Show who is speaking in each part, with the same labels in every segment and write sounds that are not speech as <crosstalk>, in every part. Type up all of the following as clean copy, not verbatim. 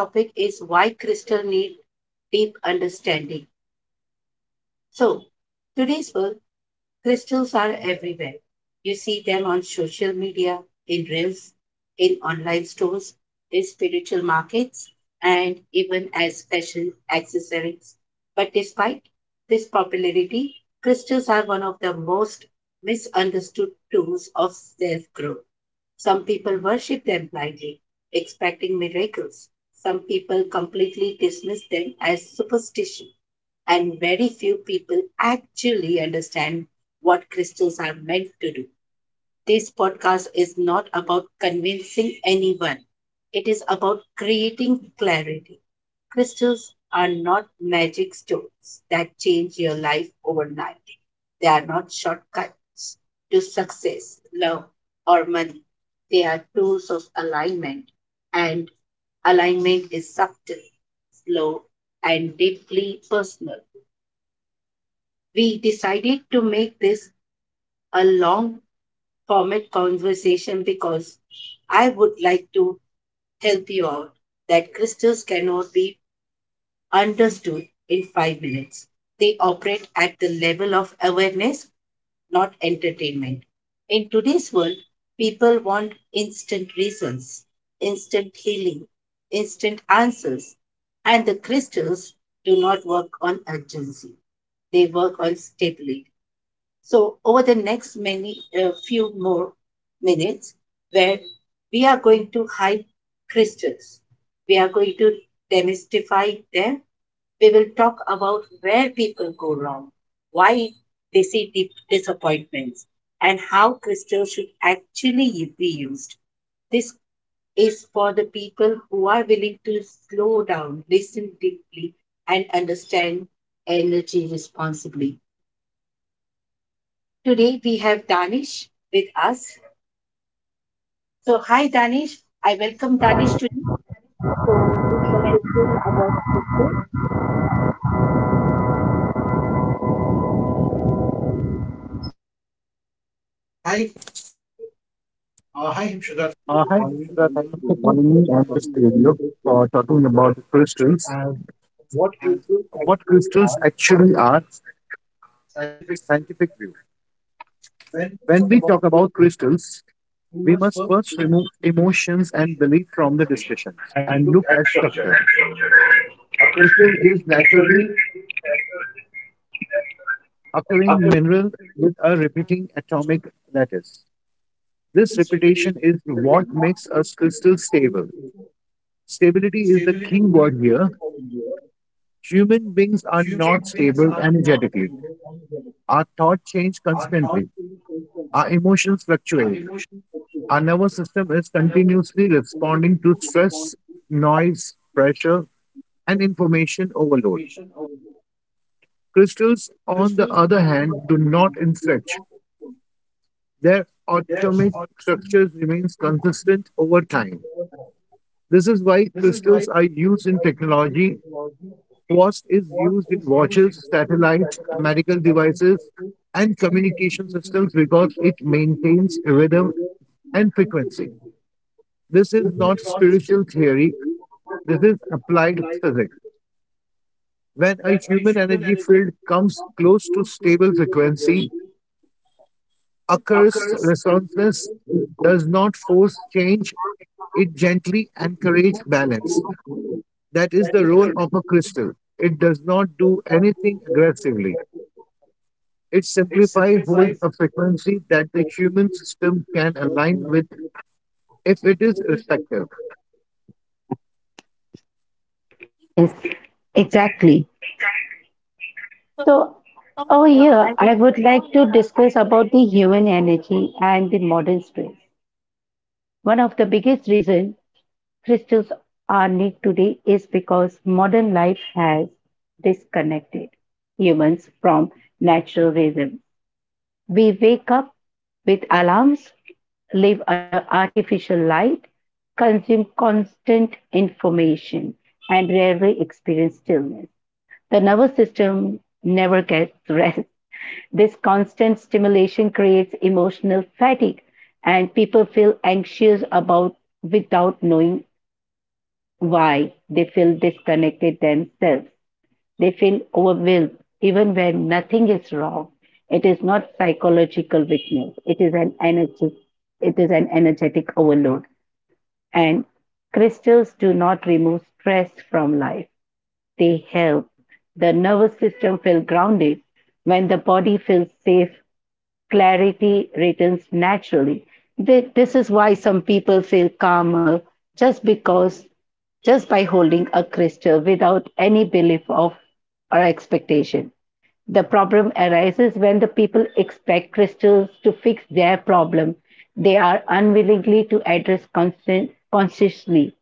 Speaker 1: Hi, my name is Hemshweta, and today's topic is why crystal need deep understanding. So, today's world, crystals are everywhere. You see them on social media, in reels, in online stores, in spiritual markets, and even as fashion accessories. But despite this popularity, crystals are one of the most misunderstood tools of self growth. Some people worship them blindly, expecting miracles. Some people completely dismiss them as superstition and very few people actually understand what crystals are meant to do. This podcast is not about convincing anyone, it is about creating clarity. Crystals are not magic stones that change your life overnight, they are not shortcuts to success, love, or money. They are tools of alignment, and alignment is subtle, slow, and deeply personal. We decided to make this a long format conversation because I would like to help you out that crystals cannot be understood in 5 minutes. They operate at the level of awareness, not entertainment. In today's world, people want instant results, instant healing, instant answers, and the crystals do not work on urgency. They work on stability. So, over the next many few more minutes, where we are going to hide crystals, we are going to demystify them. We will talk about where people go wrong, why they see deep disappointments, and how crystals should actually be used. This is for the people who are willing to slow down, listen deeply, and understand energy responsibly. Today we have Danish with us. So, hi Danish. I welcome Danish today. So, we can discuss about scripture.
Speaker 2: Hi, Shraddha. Thank you for joining me on this video for talking about crystals and what crystals actually are scientific view. When we talk about crystals, we must first remove emotions and belief from the discussion and look at structure. Crystal is naturally occurring mineral with a repeating atomic lattice. This repetition is what makes us crystal stable. Stability is the key word here. Human beings are not stable energetically. Our thoughts change constantly. Our emotions fluctuate. Our nervous system is continuously responding to stress, noise, pressure, and information overload. Crystals, on the other hand, do not inflect. Their atomic structure remains consistent over time. This is why crystals are used in technology. Quartz is used in watches, satellites, medical devices, and communication systems because it maintains rhythm and frequency. This is not spiritual theory, this is applied physics. When a human energy field comes close to stable frequency, occurs resonance does not force change, it gently encourages balance. That is the role of a crystal. It does not do anything aggressively. It simplifies hold a frequency that the human system can align with if it is respected.
Speaker 1: Yes, exactly. So, over here, I would like to discuss about the human energy and the modern stress. One of the biggest reasons crystals are needed today is because modern life has disconnected humans from natural rhythm. We wake up with alarms, live under artificial light, consume constant information, and rarely experience stillness. The nervous system never gets <laughs> rest. This constant stimulation creates emotional fatigue, and people feel anxious about without knowing why they feel connected themselves. They feel even nothing's wrong. It is psychological weakness. It is an energy. It is an energetic load. And crystals do not remove life. They help the nervous system feel it. When the body feels safe, clarity returns naturally. This is why some people feel calmer just because, just by holding a crystal without any belief of or expectation. The problem arises when the people expect crystals to fix their problem. They are unwillingly to address constant, consciously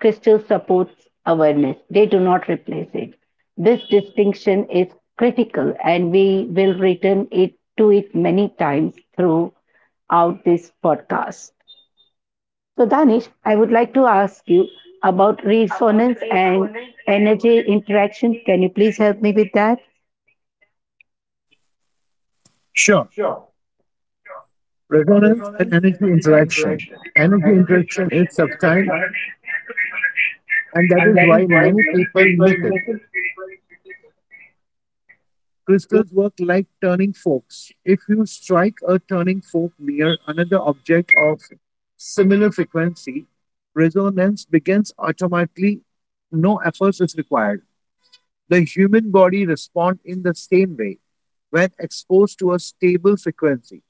Speaker 1: crystal supports awareness. They do not replace it. This distinction is critical, and we will return it to it many times throughout this podcast. So, Danish, I would like to ask you about resonance and energy interaction. Can you please help me with that?
Speaker 2: Sure. Resonance and energy interaction. Energy interaction is subtle, and that is why many people miss it. Crystals work like turning forks. If you strike a turning fork near another object of similar frequency, resonance begins automatically. No efforts is required. The human body responds in the same way when exposed to a stable frequency,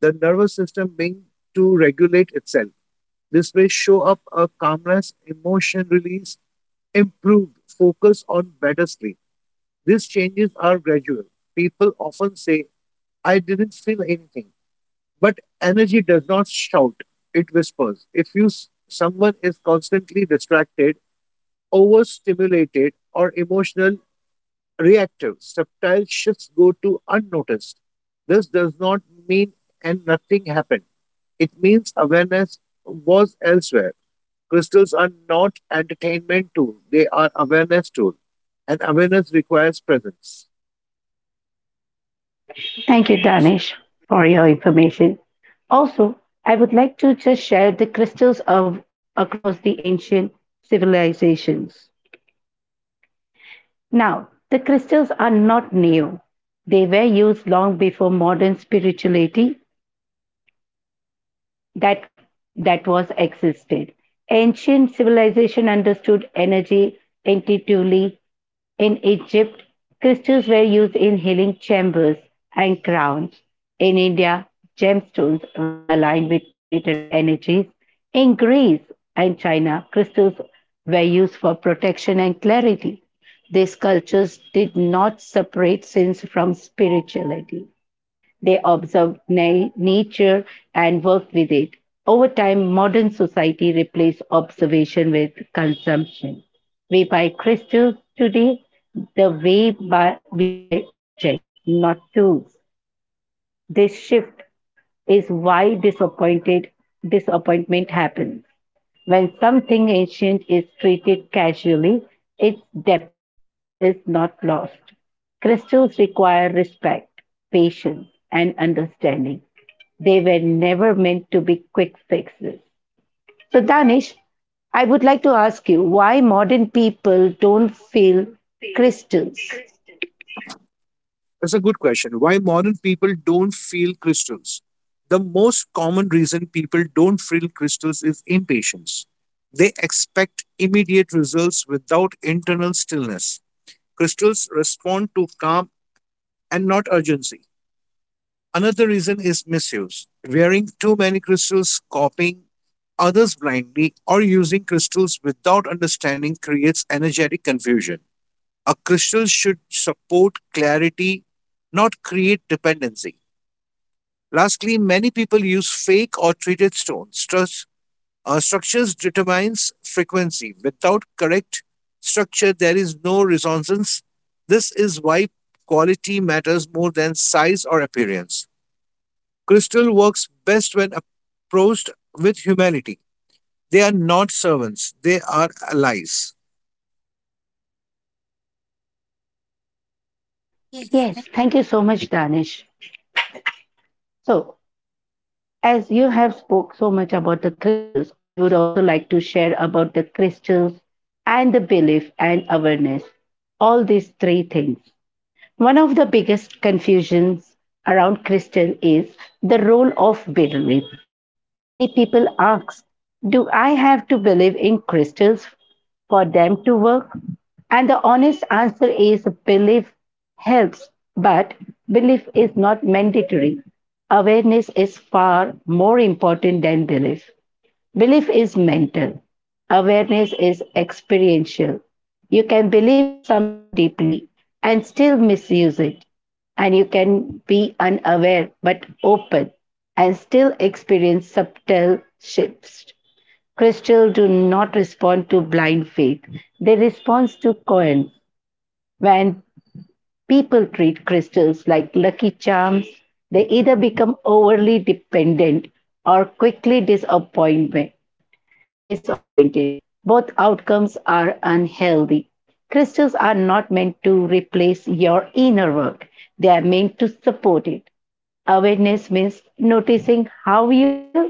Speaker 2: the nervous system being to regulate itself. This way, show up a calmness, emotion release, improved focus on better sleep. These changes are gradual. People often say, I didn't feel anything. But energy does not shout, it whispers. If someone is constantly distracted, overstimulated, or emotional reactive, subtle shifts go to unnoticed. This does not mean and nothing happened. It means awareness was elsewhere. Crystals are not entertainment tool; they are awareness tool, and awareness requires presence.
Speaker 1: Thank you, Danish, for your information. Also, I would like to just share the crystals of across the ancient civilizations. Now, the crystals are not new. They were used long before modern spirituality that that was existed. Ancient civilization understood energy intuitively. In Egypt, crystals were used in healing chambers and crowns. In India, gemstones were aligned with planetary energies. In Greece and China, crystals were used for protection and clarity. These cultures did not separate sins from spirituality. They observed nature and worked with it. Over time, modern society replaced observation with consumption. We buy crystals today the way by, we buy objects, not tools. This shift is why disappointed disappointment happens. When we daily, its depth is not. Crystals require respect, patience, and understanding. They were never meant to be quick fixes. So, Danish, I would like to ask you why modern people don't feel crystals.
Speaker 2: That's a good question. Why modern people don't feel crystals? The most common reason people don't feel crystals is impatience. They expect immediate results without internal stillness. Crystals respond to calm and not urgency. Another reason is misuse wearing too many crystals, copying others blindly, or using crystals without understanding creates energetic confusion. A crystal should support clarity, not create dependency. Lastly, many people use fake or treated stones. Structures determines frequency. Without correct structure, there is no resonance. This is why quality matters more than size or appearance. Crystal works best when approached with humanity. They are not servants, they are allies.
Speaker 1: Yes, thank you so much, Danish. So, as you have spoke so much about the crystals, I would also like to share about the crystals and the belief and awareness. All these three things. One of the biggest confusions around crystal is the role of belief. Many people ask, do I have to believe in crystals for them to work? And the honest answer is belief helps, but belief is not mandatory. Awareness is far more important than belief. Belief is mental, awareness is experiential. You can believe in something deeply and still misuse it, and you can be unaware but open and still experience subtle shifts. Crystals do not respond to blind faith, they respond to coin. When people treat crystals like lucky charms, they either become overly dependent or quickly disappointed. Both outcomes are unhealthy. Crystals are not meant to replace your inner work, they are meant to support it. Awareness means noticing how you feel,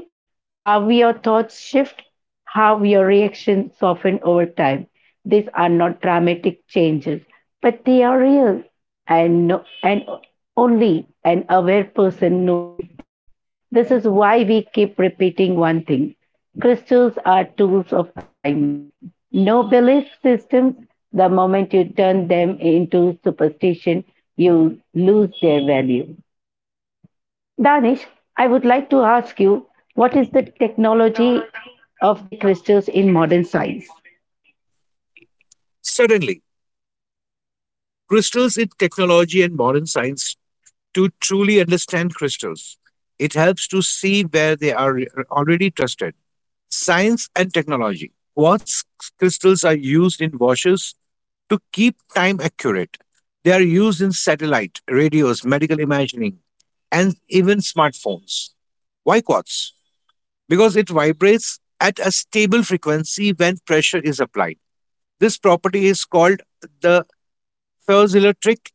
Speaker 1: how your thoughts shift, how your reactions soften over time. These are not dramatic changes, but they are real, and, no, and only an aware person notices them. This is why we keep repeating one thing crystals are tools of alignment. No belief systems, the moment you turn them into superstition, you lose their value. Danish, I would like to ask you what is the technology of the crystals in modern science?
Speaker 2: Suddenly, crystals in technology and modern science to truly understand crystals. It helps to see where they are already trusted. Science and technology. Quartz crystals are used in washes to keep time accurate. They are used in satellite, radios, medical imaging, and even smartphones. Why quartz? Because it vibrates at a stable frequency when pressure is applied. This property is called the piezoelectric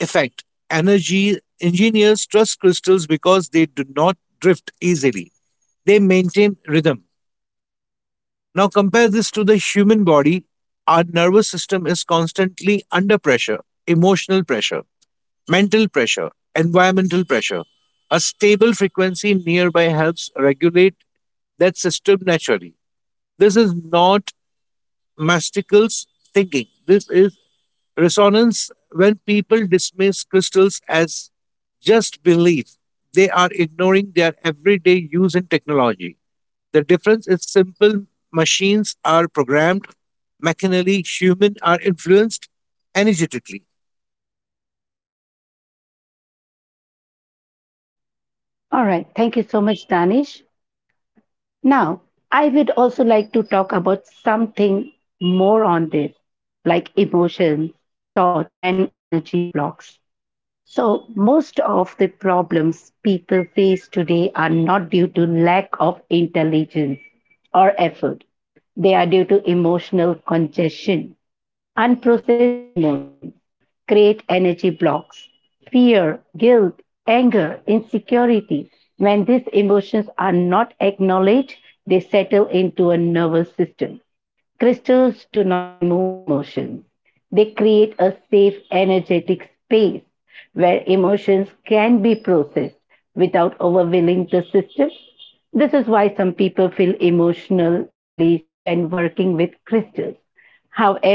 Speaker 2: effect. Energy engineers trust crystals because they do not drift easily. They maintain rhythm. Now compare this to the human body. Our nervous system is constantly under pressure, emotional pressure, mental pressure, environmental pressure. A stable frequency nearby helps regulate that system naturally. This is not Mastical's thinking. This is resonance when people dismiss crystals as just belief. They are ignoring their everyday use in technology. The difference is simple machines are programmed mechanically, humans are influenced energetically.
Speaker 1: All right, thank you so much, Danish. Now, I would also like to talk about something more on this, like emotions, thoughts, and energy blocks. So, most of the problems people face today are not due to lack of intelligence or effort. They are due to emotional congestion, unprocessed emotions, create energy blocks, fear, guilt, anger, insecurity. When these emotions are not acknowledged, they settle into a nervous system. Crystals do not remove emotions. They create a safe energy space where emotions willing the system. This is why some people feel emotional release when one withdraws.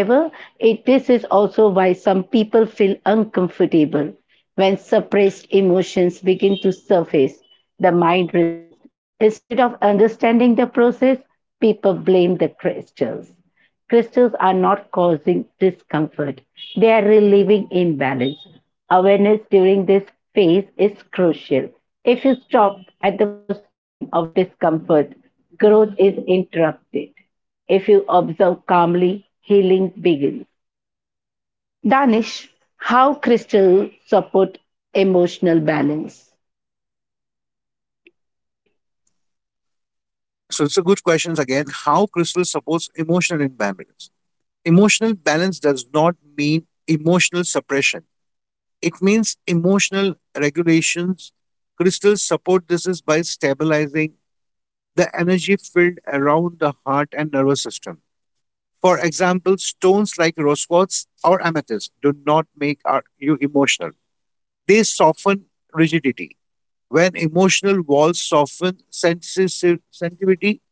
Speaker 1: However, it, this is also why some people feel uncomfortable when suppressed emotions begin to surface. The mind resists. Instead of understanding the process, people blame the crystals. Crystals are not causing discomfort, they are relieving imbalance. Awareness during this phase is crucial. If you stop at the first sign of discomfort, growth is interrupted. If you observe calmly, healing begins. Danish, how crystals support emotional balance?
Speaker 2: So it's a good question again. How crystals supports emotional imbalance? Emotional balance does not mean emotional suppression. It means emotional regulations. Crystals support this is by stabilizing the energy field around the heart and nervous system. For example, stones like rose quartz or amethyst do not make our, you emotional. They soften rigidity. When emotional walls soften, sensitivity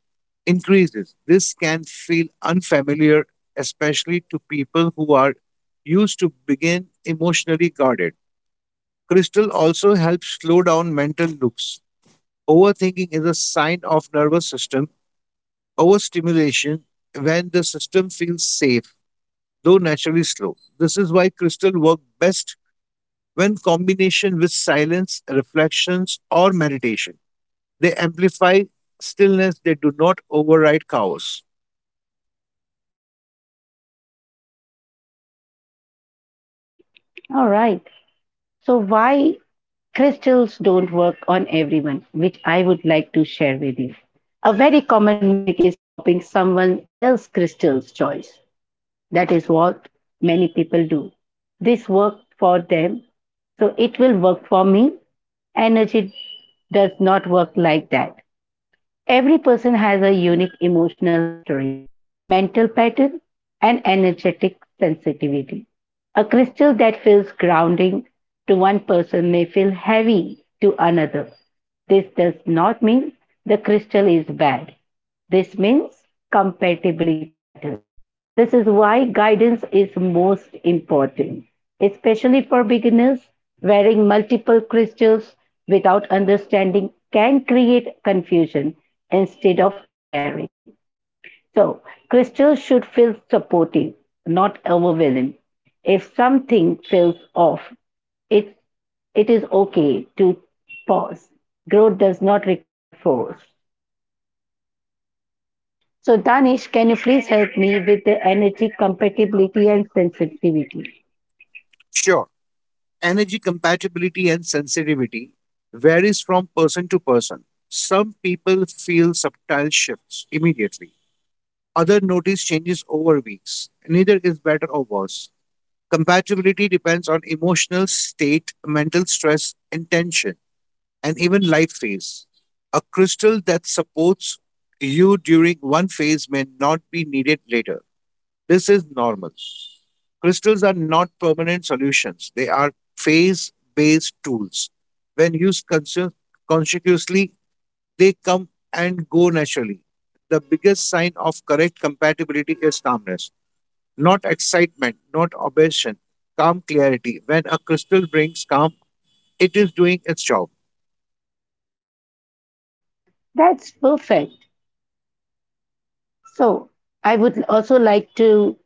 Speaker 2: increases. This can feel unfamiliar, especially to people who are used to being emotionally guarded. Crystal also helps slow down mental loops. Overthinking is a sign of nervous system overstimulation when the system feels safe, though naturally slow. This is why crystal work best when combination with silence, reflections, or meditation. They amplify stillness, they do not override chaos.
Speaker 1: All right. So, why crystals don't work on everyone, which I would like to share with you. A very common mistake is copying someone else's crystal's choice. That is what many people do. This worked for them, so it will work for me. Energy does not work like that. Every person has a unique emotional history, mental pattern, and energetic sensitivity. A curse that feels cling to one person may feel heavy to another. This does not mean the crystal is bad. This means compatibility matters. This is why guidance is most important, especially for beginners. Wearing multiple crystals without understanding can create confusion instead of clarity. So, crystals should feel supportive, not overwhelming. If something feels off, it, it is okay to pause. Growth does not require force. So, Danish, can you please help me with the energy compatibility and sensitivity?
Speaker 2: Sure, energy compatibility and sensitivity varies from person to person. Some people feel subtle shifts immediately. Others notice changes over weeks. Neither is better or worse. Compatibility depends on emotional state, mental stress, intention, and even life phase. A crystal that supports you during one phase may not be needed later. This is normal. Crystals are not permanent solutions, they are phase based tools. When used consciously, they come and go naturally. The biggest sign of correct compatibility is calmness not excitement, not obsession, calm clarity. When a crystal brings calm, it is doing its job.
Speaker 1: That's perfect. So, I would also like to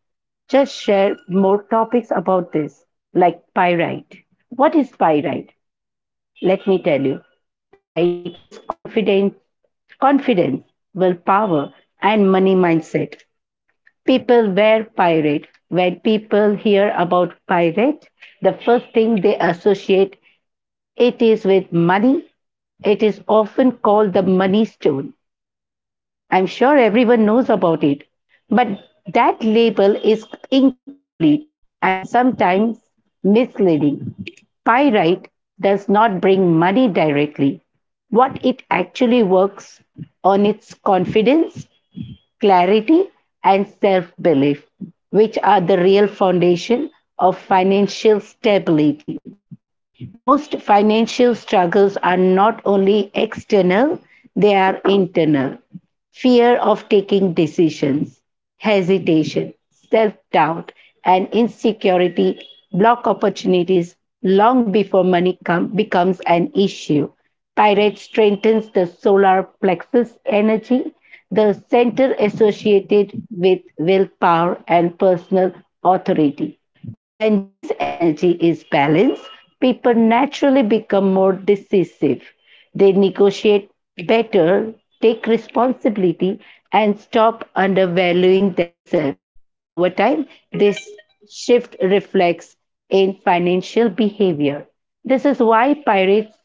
Speaker 1: just share more topics about this, like pyrite. What is pyrite? Let me tell you. Pyrite is confidence, willpower, and money mindset. People wear pyrite. When people hear about pyrite, the first thing they associate it is with money. It is often called the money stone. I'm sure everyone knows about it. But that label is incomplete and sometimes misleading. Pyrite does not bring money directly. What it actually works on is confidence, clarity, and self belief, which are the real foundation of financial stability. Most financial struggles are not only external, they are internal. Fear of taking decisions, hesitation, self doubt, and insecurity block opportunities long before money becomes an issue. Pyrite strengthens the solar plexus energy, the center associated with willpower and personal authority. When this energy is balanced, people naturally become more decisive. They negotiate better, take responsibility, and stop undervaluing themselves. Over time, this shift reflects in financial behavior. This is why pirates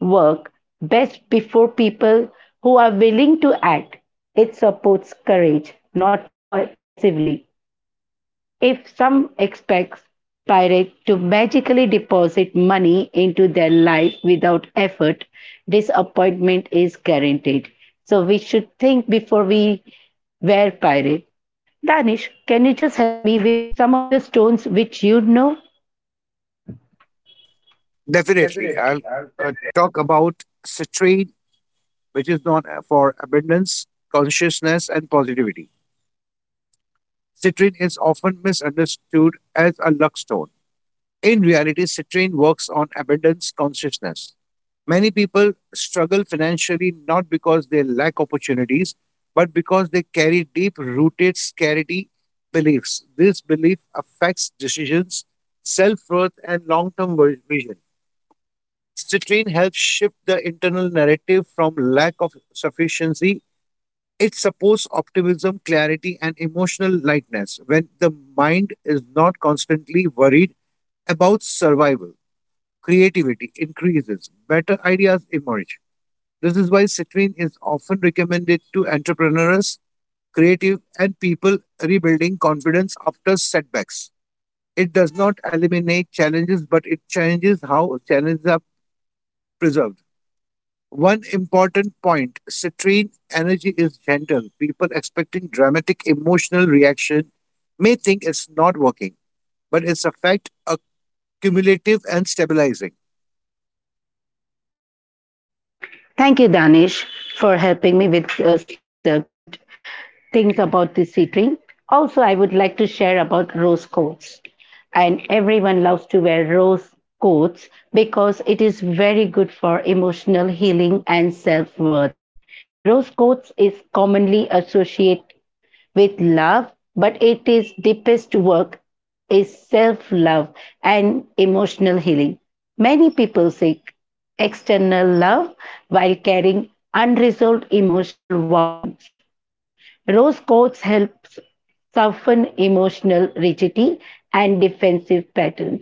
Speaker 1: work best before people who are willing to act. It supports courage, not passively. If some expects pirates to magically deposit money into their life without effort, disappointment is guaranteed. So we should think before we were pirate. Danish, can you just help me with some of the stones which you know?
Speaker 2: Definitely. I'll talk about citrine, which is known for abundance, consciousness, and positivity. Citrine is often misunderstood as a luck stone. In reality, citrine works on abundance consciousness. Many people struggle financially not because they lack opportunities, but because they carry deep rooted scarcity beliefs. This belief affects decisions, self worth, and long term vision. Citrine helps shift the internal narrative from lack of sufficiency. It supports optimism, clarity, and emotional lightness when the mind is not constantly worried about survival creativity increases, better ideas emerge. This is why citrine is often recommended to entrepreneurs, creative, and people rebuilding confidence after setbacks. It does not eliminate challenges, but it changes how challenges are preserved. One important point citrine energy is gentle. People expecting dramatic emotional reaction may think it's not working, but its effect are cumulative and stabilizing.
Speaker 1: Thank you, Danish, for helping me with some of the good things about this sitting. Also, I would like to share about rose coats. And everyone loves to wear rose coats because it is very good for emotional healing and self worth. Rose coats is commonly associated with love, but it is deepest work is self love and emotional healing. Many people seek external love while carrying unresolved emotional wounds. Rose quartz helps soften emotional rigidity and defensive patterns.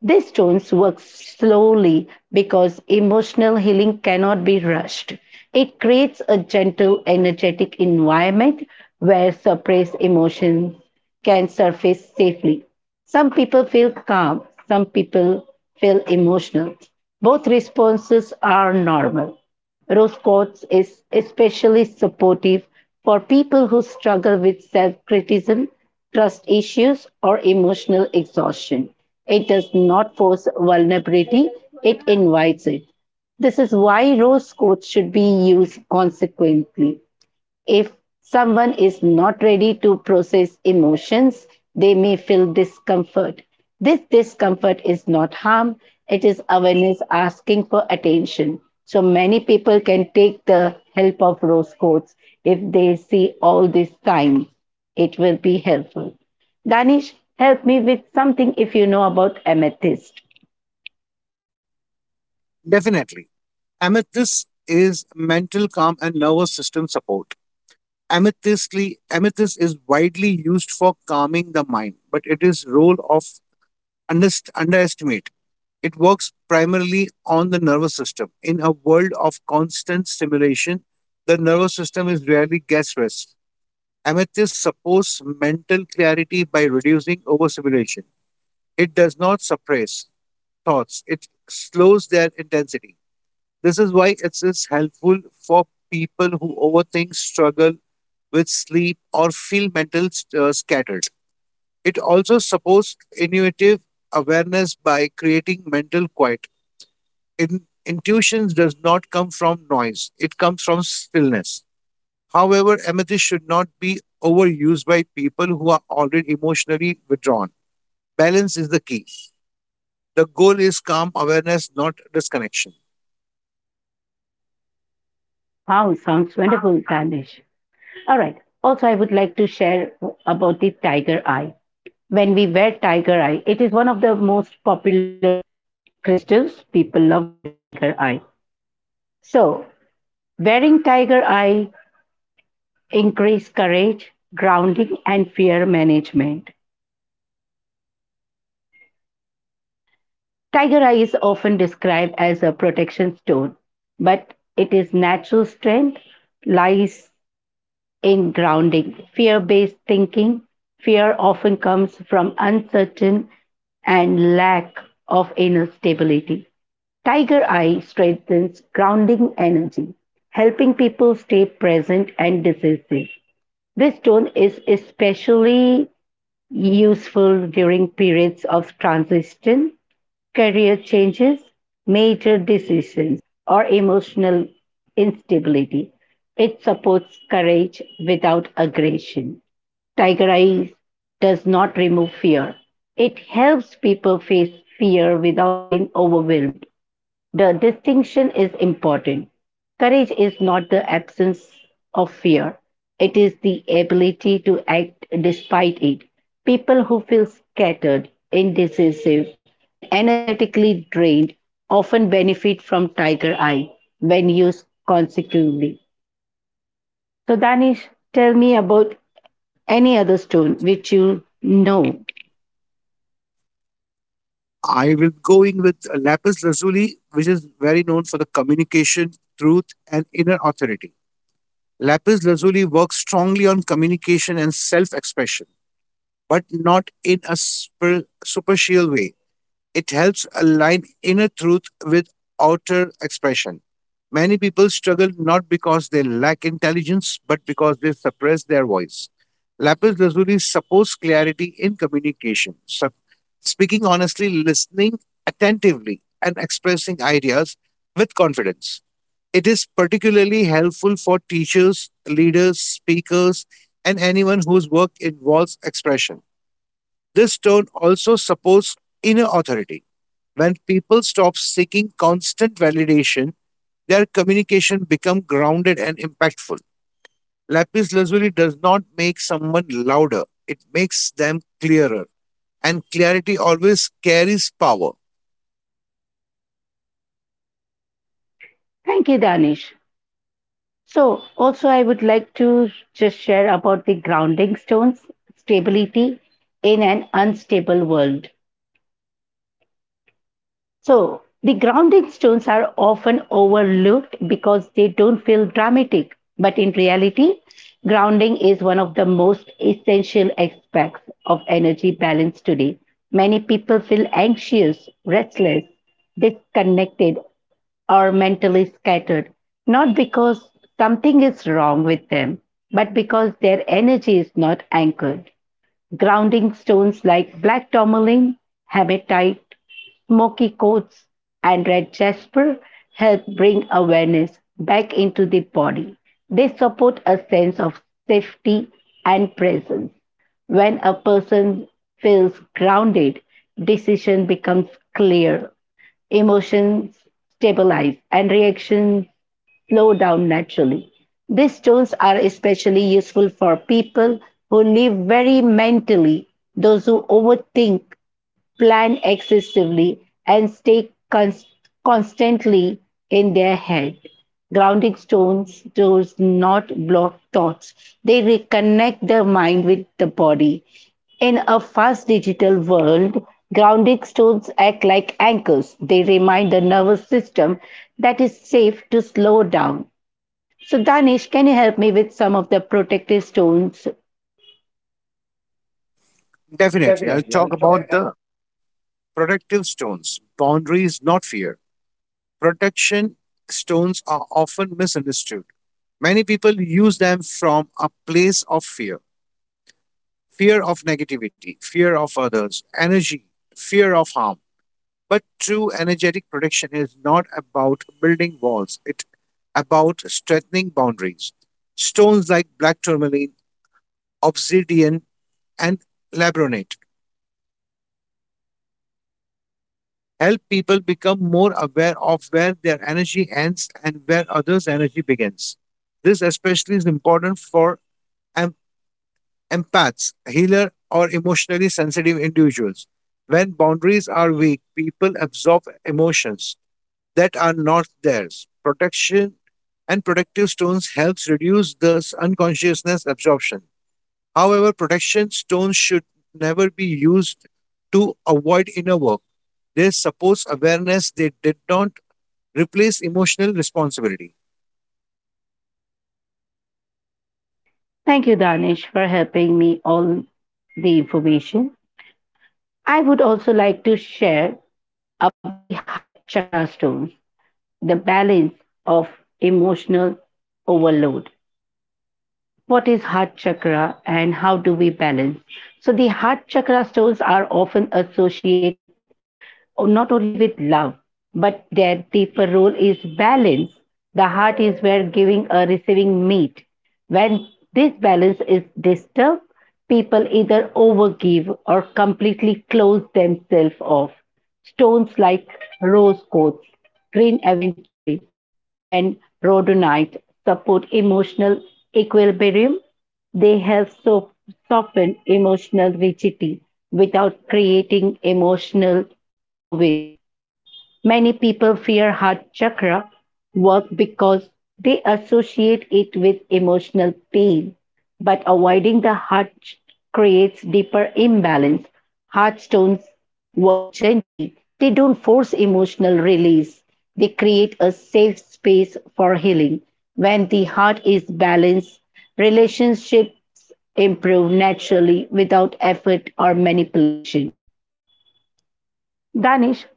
Speaker 1: These stones work slowly because emotional healing cannot be rushed. It creates a gentle, energetic environment where suppressed emotions can surface safely. Some people feel calm, some people feel emotional. Both responses are normal. Rose Quartz is especially supportive for people who struggle with self criticism, trust issues, or emotional exhaustion. It does not force vulnerability, it invites it. This is why rose quartz should be used consequently. If someone is not ready to process emotions, they may feel discomfort. This discomfort is not harm, it is awareness asking for attention. So many people can take the help of rose quartz if they see all these signs. It will be helpful. Danish, help me with something if you know about amethyst.
Speaker 2: Definitely. Amethyst is mental calm and nervous system support. Amethystly, amethyst is widely used for calming the mind, but it is role of underestimate. It works primarily on the nervous system. In a world of constant stimulation, the nervous system is rarely gets rest. Amethyst supports mental clarity by reducing overstimulation. It does not suppress thoughts. It slows their intensity. This is why it is helpful for people who overthink, struggle with sleep, or feel mental scattered. It also supports intuitive awareness by creating mental quiet. In, intuitions does not come from noise; it comes from stillness. However, empathy should not be overused by people who are already emotionally withdrawn. Balance is the key. The goal is calm awareness, not disconnection.
Speaker 1: Wow, sounds wonderful, Danish. All right. Also, I would like to share about the tiger eye. When we wear tiger eye, it is one of the most popular crystals. People love tiger eye. So, wearing tiger eye increases courage, grounding, and fear management. Tiger eye is often described as a protection stone, but it is natural strength lies in grounding. Fear-based thinking, fear often comes from uncertain and lack of inner stability. Tiger eye strengthens grounding energy, helping people stay present and decisive. This stone is especially useful during periods of transition, career changes, major decisions, or emotional instability. It supports courage without aggression. Tiger eye does not remove fear. It helps people face fear without being overwhelmed. The distinction is important. Courage is not the absence of fear, it is the ability to act despite it. People who feel scattered, indecisive, and energetically drained often benefit from tiger eye when used consecutively. So, Danish, tell me about any other stone which you know.
Speaker 2: I will be going with lapis lazuli, which is very known for the communication, truth, and inner authority. Lapis lazuli works strongly on communication and self expression, but not in a superficial way. It helps align inner truth with outer expression. Many people struggle not because they lack intelligence, but because they suppress their voice. Lapis lazuli supports clarity in communication. So speaking honestly, listening attentively, and expressing ideas with confidence. It is particularly helpful for teachers, leaders, speakers, and anyone whose work involves expression. This tone also supports inner authority. When people stop seeking constant validation, their communication becomes grounded and impactful. Lapis lazuli does not make someone louder, it makes them clearer. And clarity always carries power.
Speaker 1: Thank you, Danish. So, also, I would like to just share about the grounding stones, stability in an unstable world. So, the grounding stones are often overlooked because they don't feel dramatic. But in reality, grounding is one of the most essential aspects of energy balance today. Many people feel anxious, restless, disconnected, or mentally scattered, not because something is wrong with them, but because their energy is not anchored. Grounding stones like black tourmaline, hematite, smoky quartz, and red jasper help bring awareness back into the body. They support a sense of safety and presence. When a person feels grounded, decision becomes clear, emotions stabilize, and reaction slow down naturally. These tools are especially useful for people who live very mentally, those who overthink, plan excessively, and stay constantly in their head. Grounding stones does not block thoughts. They reconnect the mind with the body. In a fast digital world, grounding stones act like anchors. They remind the nervous system that it's safe to slow down. So, Danish, can you help me with some of the protective stones?
Speaker 2: Definitely. I'll talk about the protective stones, boundaries, not fear. Protection stones are often misunderstood. Many people use them from a place of fear of negativity, fear of others, energy, fear of harm. But true energetic protection is not about building walls, it's about strengthening boundaries. Stones like black tourmaline, obsidian, and labronate help people become more aware of where their energy ends and where others' energy begins. This especially is important for empaths, healer, or emotionally sensitive individuals. When boundaries are weak, people absorb emotions that are not theirs. Protection and protective stones helps reduce this unconsciousness absorption. However, protection stones should never be used to avoid inner work. They support awareness. They did not replace emotional responsibility.
Speaker 1: Thank you, Danish, for helping me all the information. I would also like to share about the heart chakra stones, the balance of emotional overload. What is heart chakra and how do we balance? So, the heart chakra stones are often associated with not only with love, but their deeper role is balance. The heart is where giving or receiving meet. When this balance is disturbed, people either overgive or completely close themselves off. Stones like rose quartz, green aventurine, and rhodonite support emotional equilibrium. They help soften emotional rigidity without creating emotional overwhelm. Many people fear heart chakra work because they associate it with emotional pain, but avoiding the heart creates deeper imbalance. Heart stones work gently, they don't force emotional release, they create a safe space for healing. When the heart is balanced, relationships improve naturally without effort or manipulation. Danish,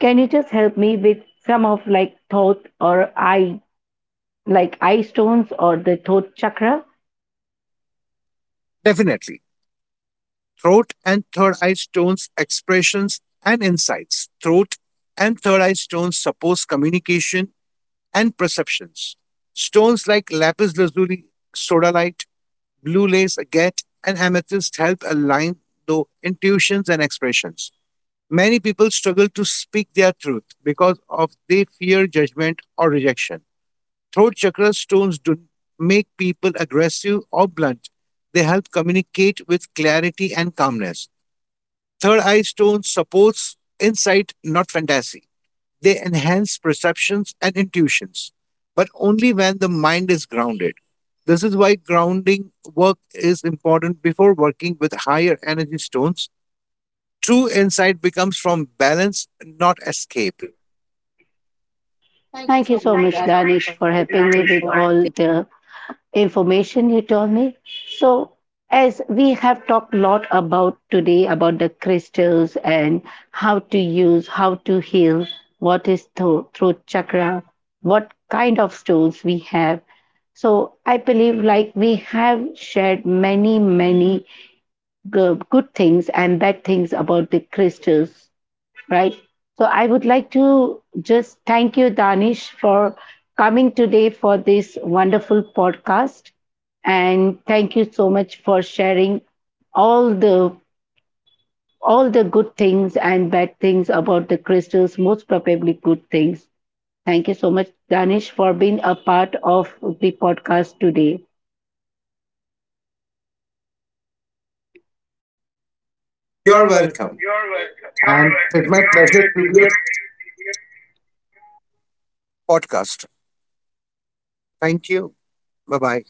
Speaker 1: can you just help me with some of like thought or eye, like eye stones or the thought chakra?
Speaker 2: Definitely. Throat and Third Eye Stone's expressions and insights. Throat and Third Eye stones supports communication and perceptions. Stones like lapis lazuli, sodalite, blue lace, agate, and amethyst help align the intuitions and expressions. Many people struggle to speak their truth because of they fear judgment or rejection. Throat chakra stones do make people aggressive or blunt. They help communicate with clarity and calmness. Third Eye Stone supports insight, not fantasy. They enhance perceptions and intuitions, but only when the mind is grounded. This is why grounding work is important before working with higher energy stones. True insight becomes from balance, not escape.
Speaker 1: Thank you so much, Danish, for helping me with all the information you told me. So, as we have talked a lot about today about the crystals and how to use, how to heal, what is throat chakra, what kind of stones we have. So, I believe like we have shared many, many good, good things and bad things about the crystals, right? So I would like to just thank you, Danish, for coming today for this wonderful podcast. And thank you so much for sharing all the all the good things and bad things about the crystals, most probably good things. Thank you so much, Danish, for being a part of the podcast today.
Speaker 2: You are welcome. And it's my pleasure to be a podcast. Thank you. Bye bye.